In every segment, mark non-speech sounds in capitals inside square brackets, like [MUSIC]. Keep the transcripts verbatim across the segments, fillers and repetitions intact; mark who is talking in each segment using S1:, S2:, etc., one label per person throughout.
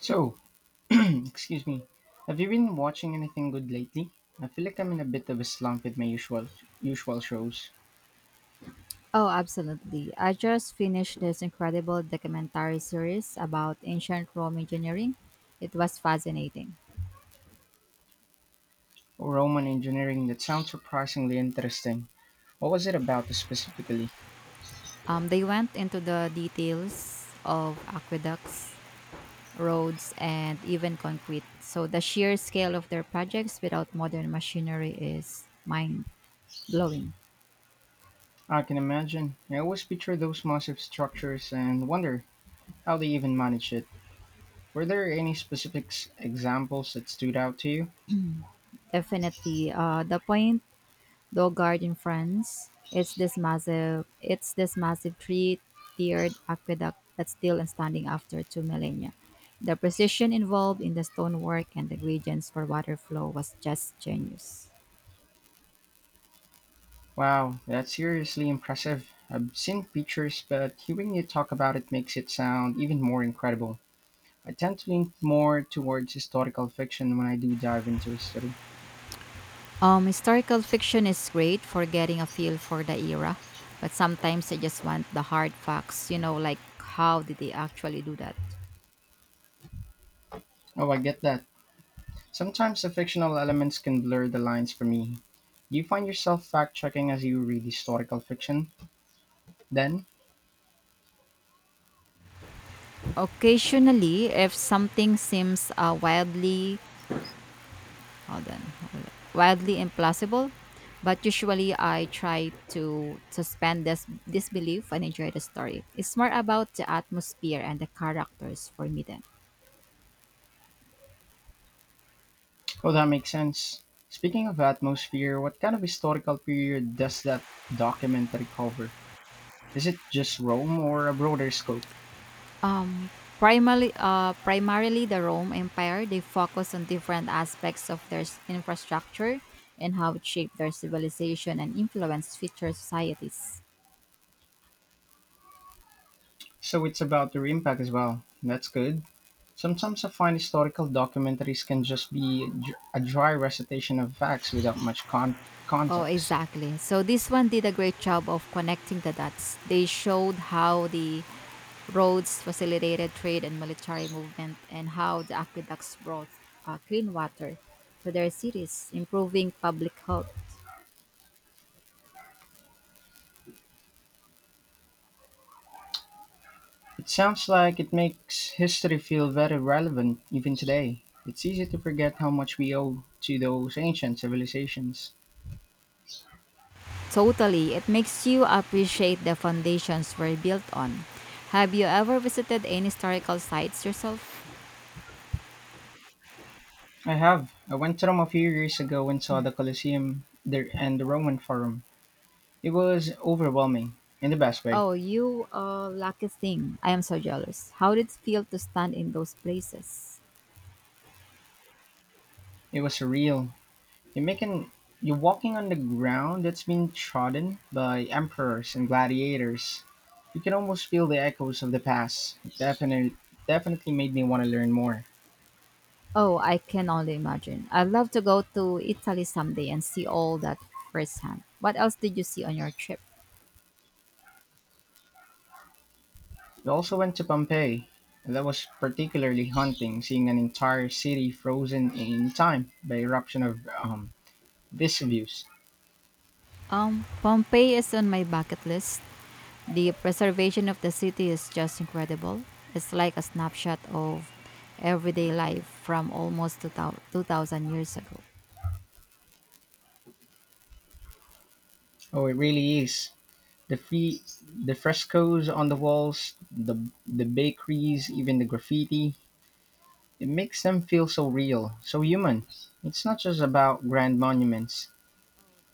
S1: So, [CLEARS THROAT] excuse me. Have you been watching anything good lately? I feel like I'm in a bit of a slump with my usual usual shows.
S2: Oh, absolutely. I just finished this incredible documentary series about ancient Rome engineering. It was fascinating.
S1: Roman engineering that sounds surprisingly interesting. What was it about specifically?
S2: Um, they went into the details of aqueducts, roads, and even concrete. So the sheer scale of their projects without modern machinery is mind blowing.
S1: I can imagine. I always picture those massive structures and wonder how they even manage it. Were there any specific s- examples that stood out to you?
S2: Definitely. Uh, the point Dauphard in France. It's this massive it's this massive three-tiered aqueduct that's still standing after two millennia. The precision involved in the stonework and the gradients for water flow was just genius.
S1: Wow, that's seriously impressive. I've seen pictures, but hearing you talk about it makes it sound even more incredible. I tend to lean more towards historical fiction when I do dive into history.
S2: Um, historical fiction is great for getting a feel for the era, but sometimes I just want the hard facts, you know, like how did they actually do that?
S1: Oh, I get that. Sometimes the fictional elements can blur the lines for me. Do you find yourself fact checking as you read historical fiction? Then,
S2: Occasionally, if something seems uh, wildly Hold on, hold on. Wildly implausible, but usually I try to suspend this disbelief and enjoy the story. It's more about the atmosphere and the characters for me then.
S1: oh, that makes sense. Speaking of atmosphere, what kind of historical period does that documentary cover? Is it just Rome or a broader scope?
S2: Um, primarily, uh, primarily the Rome Empire. They focus on different aspects of their s- infrastructure and how it shaped their civilization and influenced future societies.
S1: So it's about their impact as well. That's good. Sometimes I find historical documentaries can just be dr- a dry recitation of facts without much con-
S2: Oh,
S1: context.
S2: exactly. So this one did a great job of connecting the dots. They showed how the roads facilitated trade and military movement, and how the aqueducts brought uh, clean water to their cities, improving public health.
S1: It sounds like it makes history feel very relevant even today. It's easy to forget how much we owe to those ancient civilizations.
S2: Totally, it makes you appreciate the foundations were built on. Have you ever visited any historical sites yourself?
S1: I have. I went to Rome a few years ago and saw the Colosseum there and the Roman Forum. It was overwhelming in the best way.
S2: Oh, you uh, lucky thing. I am so jealous. How did it feel to stand in those places?
S1: It was surreal, You're making you're walking on the ground that's been trodden by emperors and gladiators. You can almost feel the echoes of the past. It definitely definitely made me want to learn more.
S2: Oh, I can only imagine. I'd love to go to Italy someday and see all that firsthand. What else did you see on your trip?
S1: We also went to Pompeii and that was particularly haunting, seeing an entire city frozen in time by eruption of um, Vesuvius.
S2: Um, Pompeii is on my bucket list. The preservation of the city is just incredible. It's like a snapshot of everyday life from almost two thousand two thousand years ago.
S1: Oh, it really is. The fe- the frescoes on the walls, the the bakeries, even the graffiti. It makes them feel so real, so human. It's not just about grand monuments.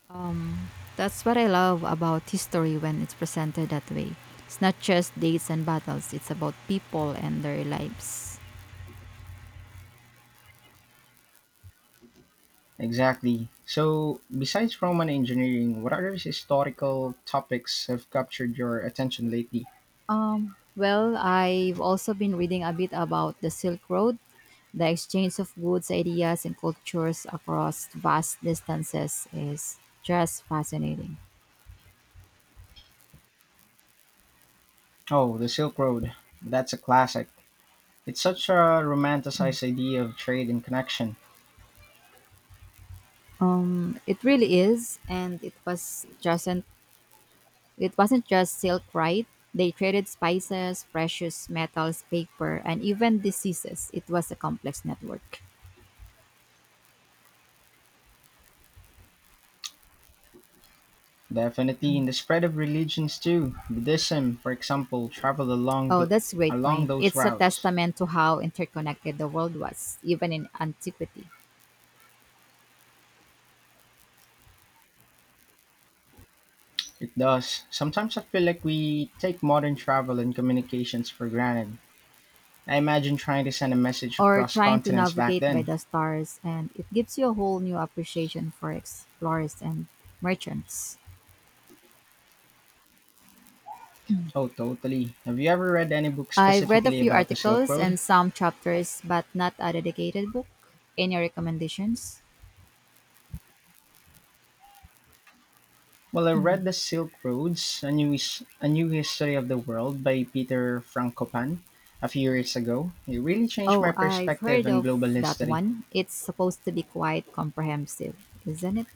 S2: Um, that's what I love about history when it's presented that way. It's not just dates and battles, it's about people and their lives.
S1: Exactly. So, besides Roman engineering, what other historical topics have captured your attention lately?
S2: Um, well, I've also been reading a bit about the Silk Road, the exchange of goods, ideas, and cultures across vast distances is just fascinating.
S1: Oh, the Silk Road. That's a classic. It's such a romanticized idea of trade and connection.
S2: Um, it really is, and it was just it wasn't just silk, right? They traded spices, precious metals, paper, and even diseases. It was a complex network.
S1: Definitely in the spread of religions too. Buddhism, for example, traveled along
S2: Oh,
S1: the
S2: that's a great
S1: along
S2: point.
S1: those
S2: It's a
S1: routes.
S2: testament to how interconnected the world was, even in antiquity.
S1: It does. Sometimes I feel like we take modern travel and communications for granted. I imagine trying to send a message
S2: Or
S1: across
S2: trying to
S1: continents back
S2: navigate by
S1: then.
S2: the stars, and it gives you a whole new appreciation for explorers and merchants.
S1: Oh, totally. Have you ever read any book
S2: I've read a
S1: specifically
S2: few
S1: about the Silk
S2: articles
S1: Road?
S2: and some chapters but not a dedicated book. Any recommendations?
S1: Well, I read The Silk Roads, A New, His- a New History of the World by Peter Frankopan a few years ago. It really changed my
S2: Oh, I've
S1: perspective
S2: heard
S1: on global
S2: of that
S1: history.
S2: one. It's supposed to be quite comprehensive, isn't it?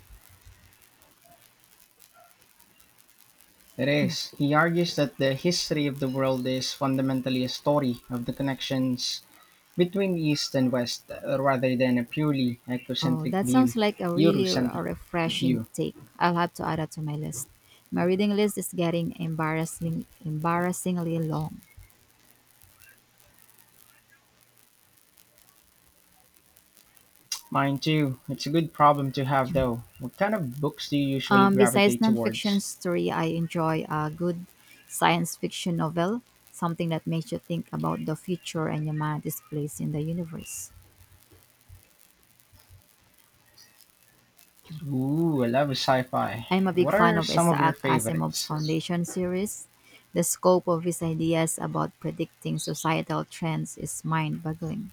S1: It is. He argues that the history of the world is fundamentally a story of the connections between East and West, uh, rather than a purely
S2: Oh,
S1: ecocentric
S2: that
S1: view,
S2: sounds like a really a
S1: Eurocentric
S2: refreshing
S1: view.
S2: take. I'll have to add that to my list. My reading list is getting embarrassingly embarrassingly long.
S1: Mine too. It's a good problem to have, though. What kind of books do you usually
S2: Um, besides
S1: gravitate towards?
S2: nonfiction story, I enjoy a good science fiction novel, something that makes you think about the future and humanity's place in the universe.
S1: Ooh, I love sci fi.
S2: I'm a big
S1: What
S2: fan
S1: are
S2: of
S1: some of your
S2: Isaac Asimov's
S1: favorites?
S2: Foundation series. The scope of his ideas about predicting societal trends is mind boggling.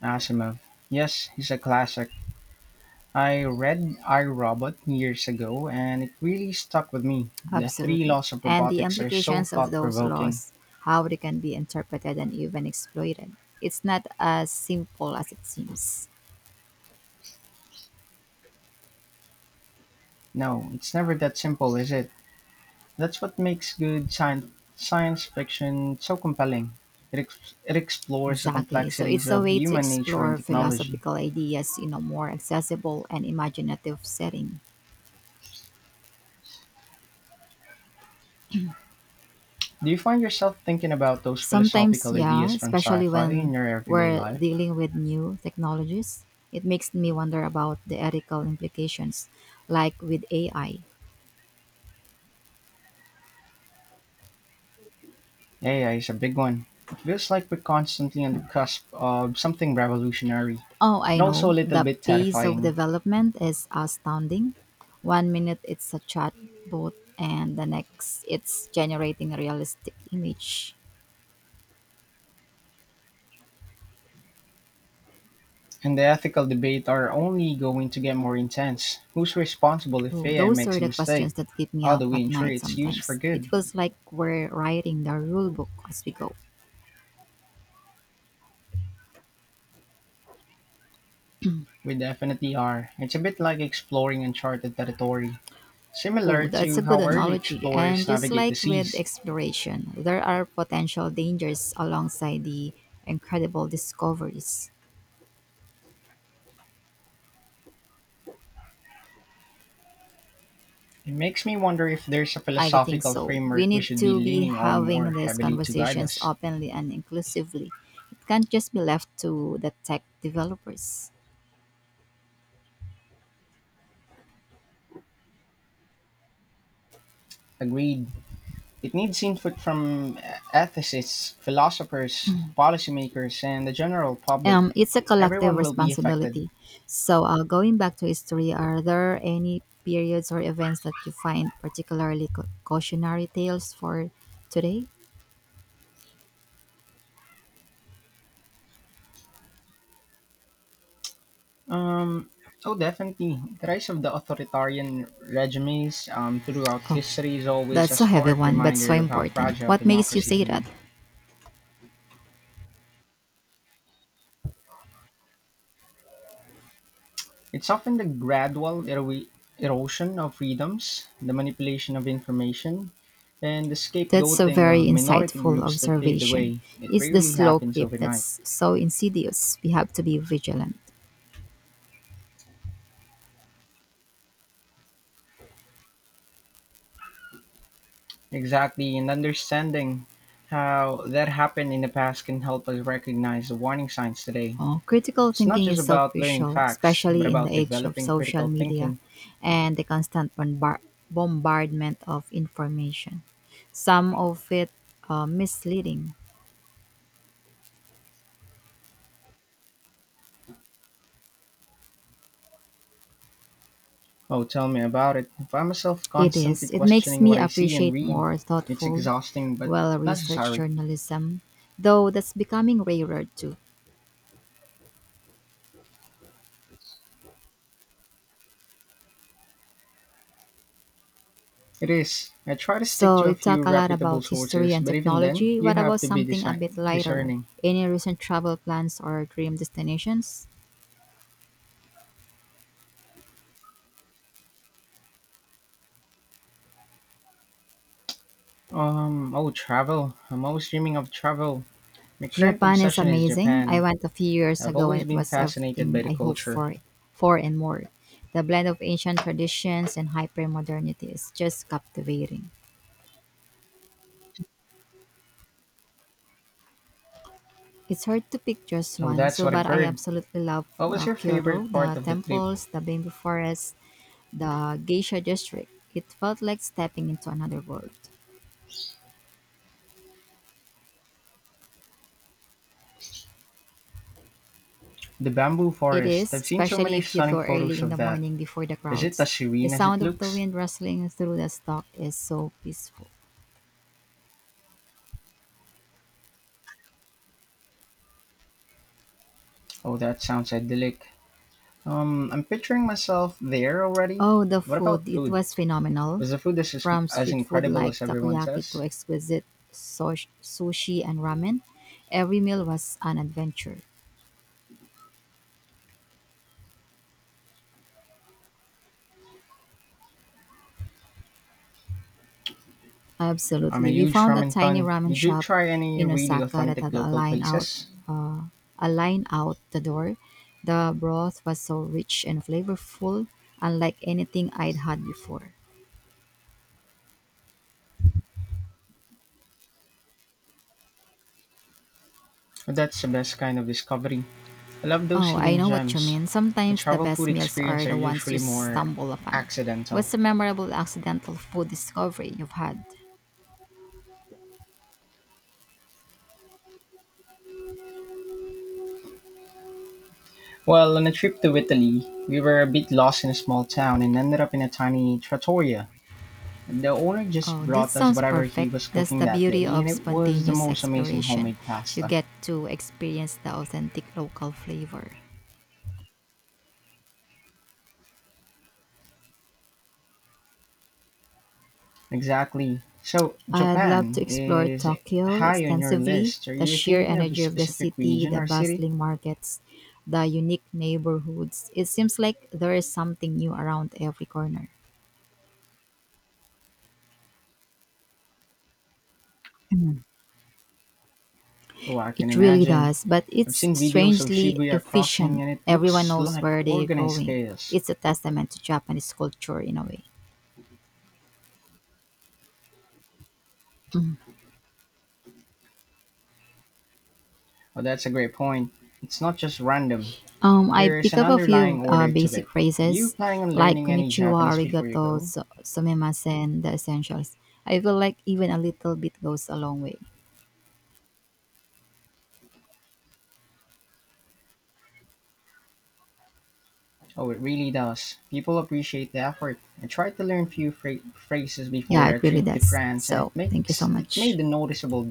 S1: Asimov. Yes, he's a classic. I read I, Robot years ago, and it really stuck with me. The three
S2: Absolutely.
S1: laws of
S2: And the
S1: robotics are so
S2: implications of
S1: thought
S2: those
S1: provoking.
S2: laws, how they can be interpreted and even exploited. It's not as simple as it seems.
S1: No, it's never that simple, is it? That's what makes good science, science fiction so compelling. It, ex- it explores the
S2: Exactly. So
S1: complexities
S2: it's a
S1: of
S2: way to
S1: human nature and
S2: explore
S1: technology.
S2: philosophical ideas in a more accessible and imaginative setting.
S1: Do you find yourself thinking about those
S2: Sometimes,
S1: philosophical
S2: yeah,
S1: ideas from
S2: especially
S1: sci-fi in
S2: when
S1: your everyday
S2: we're
S1: life?
S2: dealing with new technologies, it makes me wonder about the ethical implications, like with A I.
S1: A I is a big one. It feels like we're constantly on the cusp of something revolutionary,
S2: Oh,
S1: and
S2: I
S1: also a
S2: know,
S1: little
S2: the
S1: bit
S2: pace of
S1: terrifying.
S2: development is astounding. One minute it's a chatbot, and the next it's generating a realistic image.
S1: And the ethical debate are only going to get more intense. Who's responsible if
S2: Oh,
S1: A I
S2: those
S1: makes
S2: are
S1: a
S2: the
S1: mistake?
S2: questions that keep me
S1: How
S2: up
S1: do we
S2: at
S1: ensure
S2: night
S1: it's used for
S2: sometimes. It
S1: good?
S2: feels like we're writing the rule book as we go.
S1: We definitely are. It's a bit like exploring uncharted territory,
S2: Oh,
S1: similar
S2: that's
S1: to
S2: a good
S1: how early
S2: analogy.
S1: explorers
S2: And just
S1: navigate the
S2: like with
S1: seas.
S2: exploration, there are potential dangers alongside the incredible discoveries.
S1: It makes me wonder if there's a
S2: I think
S1: philosophical
S2: so. We
S1: framework we
S2: need
S1: should be
S2: to be
S1: leaning on more
S2: having these
S1: heavily to guide
S2: conversations
S1: us.
S2: openly and inclusively. It can't just be left to the tech developers.
S1: Agreed. It needs input from uh, ethicists, philosophers, policymakers, and the general public.
S2: Um, it's a collective
S1: Everyone will be affected.
S2: responsibility. So, uh, going back to history, are there any periods or events that you find particularly cau- cautionary tales for today?
S1: Um, oh, definitely. The rise of the authoritarian regimes um, throughout
S2: Oh,
S1: history is always a
S2: that's a heavy
S1: stark
S2: one, but so
S1: reminder of how
S2: important.
S1: fragile
S2: What makes you
S1: democracy
S2: say
S1: can be.
S2: that?
S1: It's often the gradual ero- erosion of freedoms, the manipulation of information, and the
S2: That's a
S1: scapegoating
S2: very
S1: of minority
S2: insightful
S1: groups that pave the
S2: observation.
S1: way. It
S2: It's the
S1: rarely
S2: slow
S1: happens
S2: creep
S1: overnight.
S2: that's so insidious. We have to be vigilant.
S1: Exactly, and understanding how that happened in the past can help us recognize the warning signs today.
S2: Oh, critical
S1: It's not
S2: thinking
S1: just
S2: is so
S1: about learning
S2: crucial,
S1: facts, but
S2: especially in
S1: about
S2: the age of
S1: developing
S2: social
S1: critical
S2: media
S1: thinking.
S2: and the constant bombar- bombardment of information. Some of it uh, misleading.
S1: Oh, tell me about it. I find myself
S2: It
S1: constantly
S2: is. It makes
S1: questioning what
S2: me
S1: I see and
S2: appreciate
S1: read.
S2: more
S1: It's
S2: thoughtful,
S1: exhausting, but
S2: well researched
S1: necessary.
S2: journalism, though that's becoming rarer too.
S1: It is. I try to stick
S2: So,
S1: to a
S2: we
S1: few
S2: talk a lot
S1: reputable
S2: about history
S1: sources,
S2: and
S1: but even then,
S2: technology.
S1: you
S2: What
S1: have
S2: about
S1: to be
S2: something a
S1: disi-
S2: bit lighter?
S1: discerning.
S2: Any recent travel plans or dream destinations?
S1: Um, oh, travel. I'm always dreaming of travel. My current
S2: Japan is
S1: obsession is
S2: amazing. I
S1: Japan.
S2: went a few years
S1: I've
S2: ago and
S1: always
S2: it
S1: been
S2: was
S1: fascinated by
S2: everything
S1: the
S2: I hoped
S1: culture.
S2: for for and more. The blend of ancient traditions and hypermodernity is just captivating. It's hard to pick just
S1: Oh,
S2: one,
S1: that's
S2: so
S1: what
S2: but
S1: I've
S2: I
S1: heard.
S2: absolutely love
S1: What was
S2: the
S1: your
S2: Kyoto,
S1: favorite part
S2: the
S1: of the trip?
S2: temples, the bamboo forest, the geisha district. It felt like stepping into another world.
S1: The bamboo
S2: It
S1: forest.
S2: is,
S1: I've seen so
S2: especially
S1: many
S2: if you
S1: stunning
S2: go early
S1: photos
S2: in
S1: of
S2: the
S1: that.
S2: morning before the
S1: Is it
S2: crowds.
S1: as
S2: The
S1: serene as it
S2: sound of the
S1: looks?
S2: wind rustling through the stalk is so peaceful.
S1: Oh, that sounds idyllic. Um, I'm picturing myself there already.
S2: Oh, the
S1: What about
S2: food. It
S1: food?
S2: was phenomenal.
S1: Was the food as,
S2: From
S1: as
S2: street food
S1: incredible
S2: like
S1: as everyone
S2: takoyaki
S1: says?
S2: to exquisite sosh- sushi and ramen, every meal was an adventure.
S1: I'm a
S2: Absolutely. We
S1: huge
S2: found a
S1: ramen
S2: tiny
S1: fan.
S2: ramen
S1: Did you
S2: shop
S1: try any
S2: in
S1: really
S2: Osaka that
S1: authentic
S2: had a
S1: local
S2: line out
S1: places?
S2: uh, a line out the door. The broth was so rich and flavorful, unlike anything I'd had before.
S1: That's the best kind of discovery. I love those
S2: Oh, I
S1: hidden
S2: know what you
S1: gems.
S2: mean.
S1: My
S2: Sometimes the
S1: travel food
S2: best meals
S1: experience
S2: are
S1: are
S2: the ones you
S1: usually more
S2: stumble upon.
S1: accidental.
S2: What's a memorable accidental food discovery you've had?
S1: Well, on a trip to Italy, we were a bit lost in a small town and ended up in a tiny trattoria. The owner just
S2: Oh, that
S1: brought us
S2: sounds
S1: whatever he
S2: perfect.
S1: was
S2: That's
S1: cooking
S2: the
S1: that
S2: beauty
S1: day, and
S2: of
S1: it was the
S2: spontaneous
S1: most amazing
S2: exploration.
S1: homemade
S2: You
S1: pasta.
S2: get to experience the authentic local flavor.
S1: Exactly. So,
S2: I'd love to
S1: Japan
S2: explore
S1: is
S2: Tokyo
S1: high on your
S2: extensively.
S1: list. Are
S2: The
S1: you
S2: sheer
S1: thinking of a
S2: energy of the
S1: specific
S2: city,
S1: region
S2: the
S1: or city?
S2: bustling markets, the unique neighborhoods. It seems like there is something new around every corner.
S1: Oh, I can
S2: It really
S1: imagine.
S2: does, but
S1: I've
S2: it's
S1: seen videos of
S2: strangely
S1: Shibuya crossing
S2: efficient.
S1: and it
S2: Everyone
S1: looks
S2: knows
S1: like
S2: where they're
S1: organized
S2: going.
S1: chaos.
S2: It's a testament to Japanese culture in a way. Mm.
S1: Oh, that's a great point. It's not just random,
S2: Um, I
S1: there is
S2: pick
S1: an
S2: up a
S1: underlying
S2: few uh,
S1: order to
S2: basic
S1: it. Are you
S2: phrases
S1: planning on
S2: like
S1: learning any
S2: konnichiwa,
S1: Japanese before you
S2: arigato,
S1: go?
S2: so- sumimasen, and the essentials. I feel like even a little bit goes a long way.
S1: Oh, it really does. People appreciate the effort. I tried to learn few phra- phrases
S2: Yeah,
S1: before
S2: it
S1: a
S2: really
S1: trip to
S2: does.
S1: France and it
S2: So thank you so
S1: makes it
S2: much.
S1: made a noticeable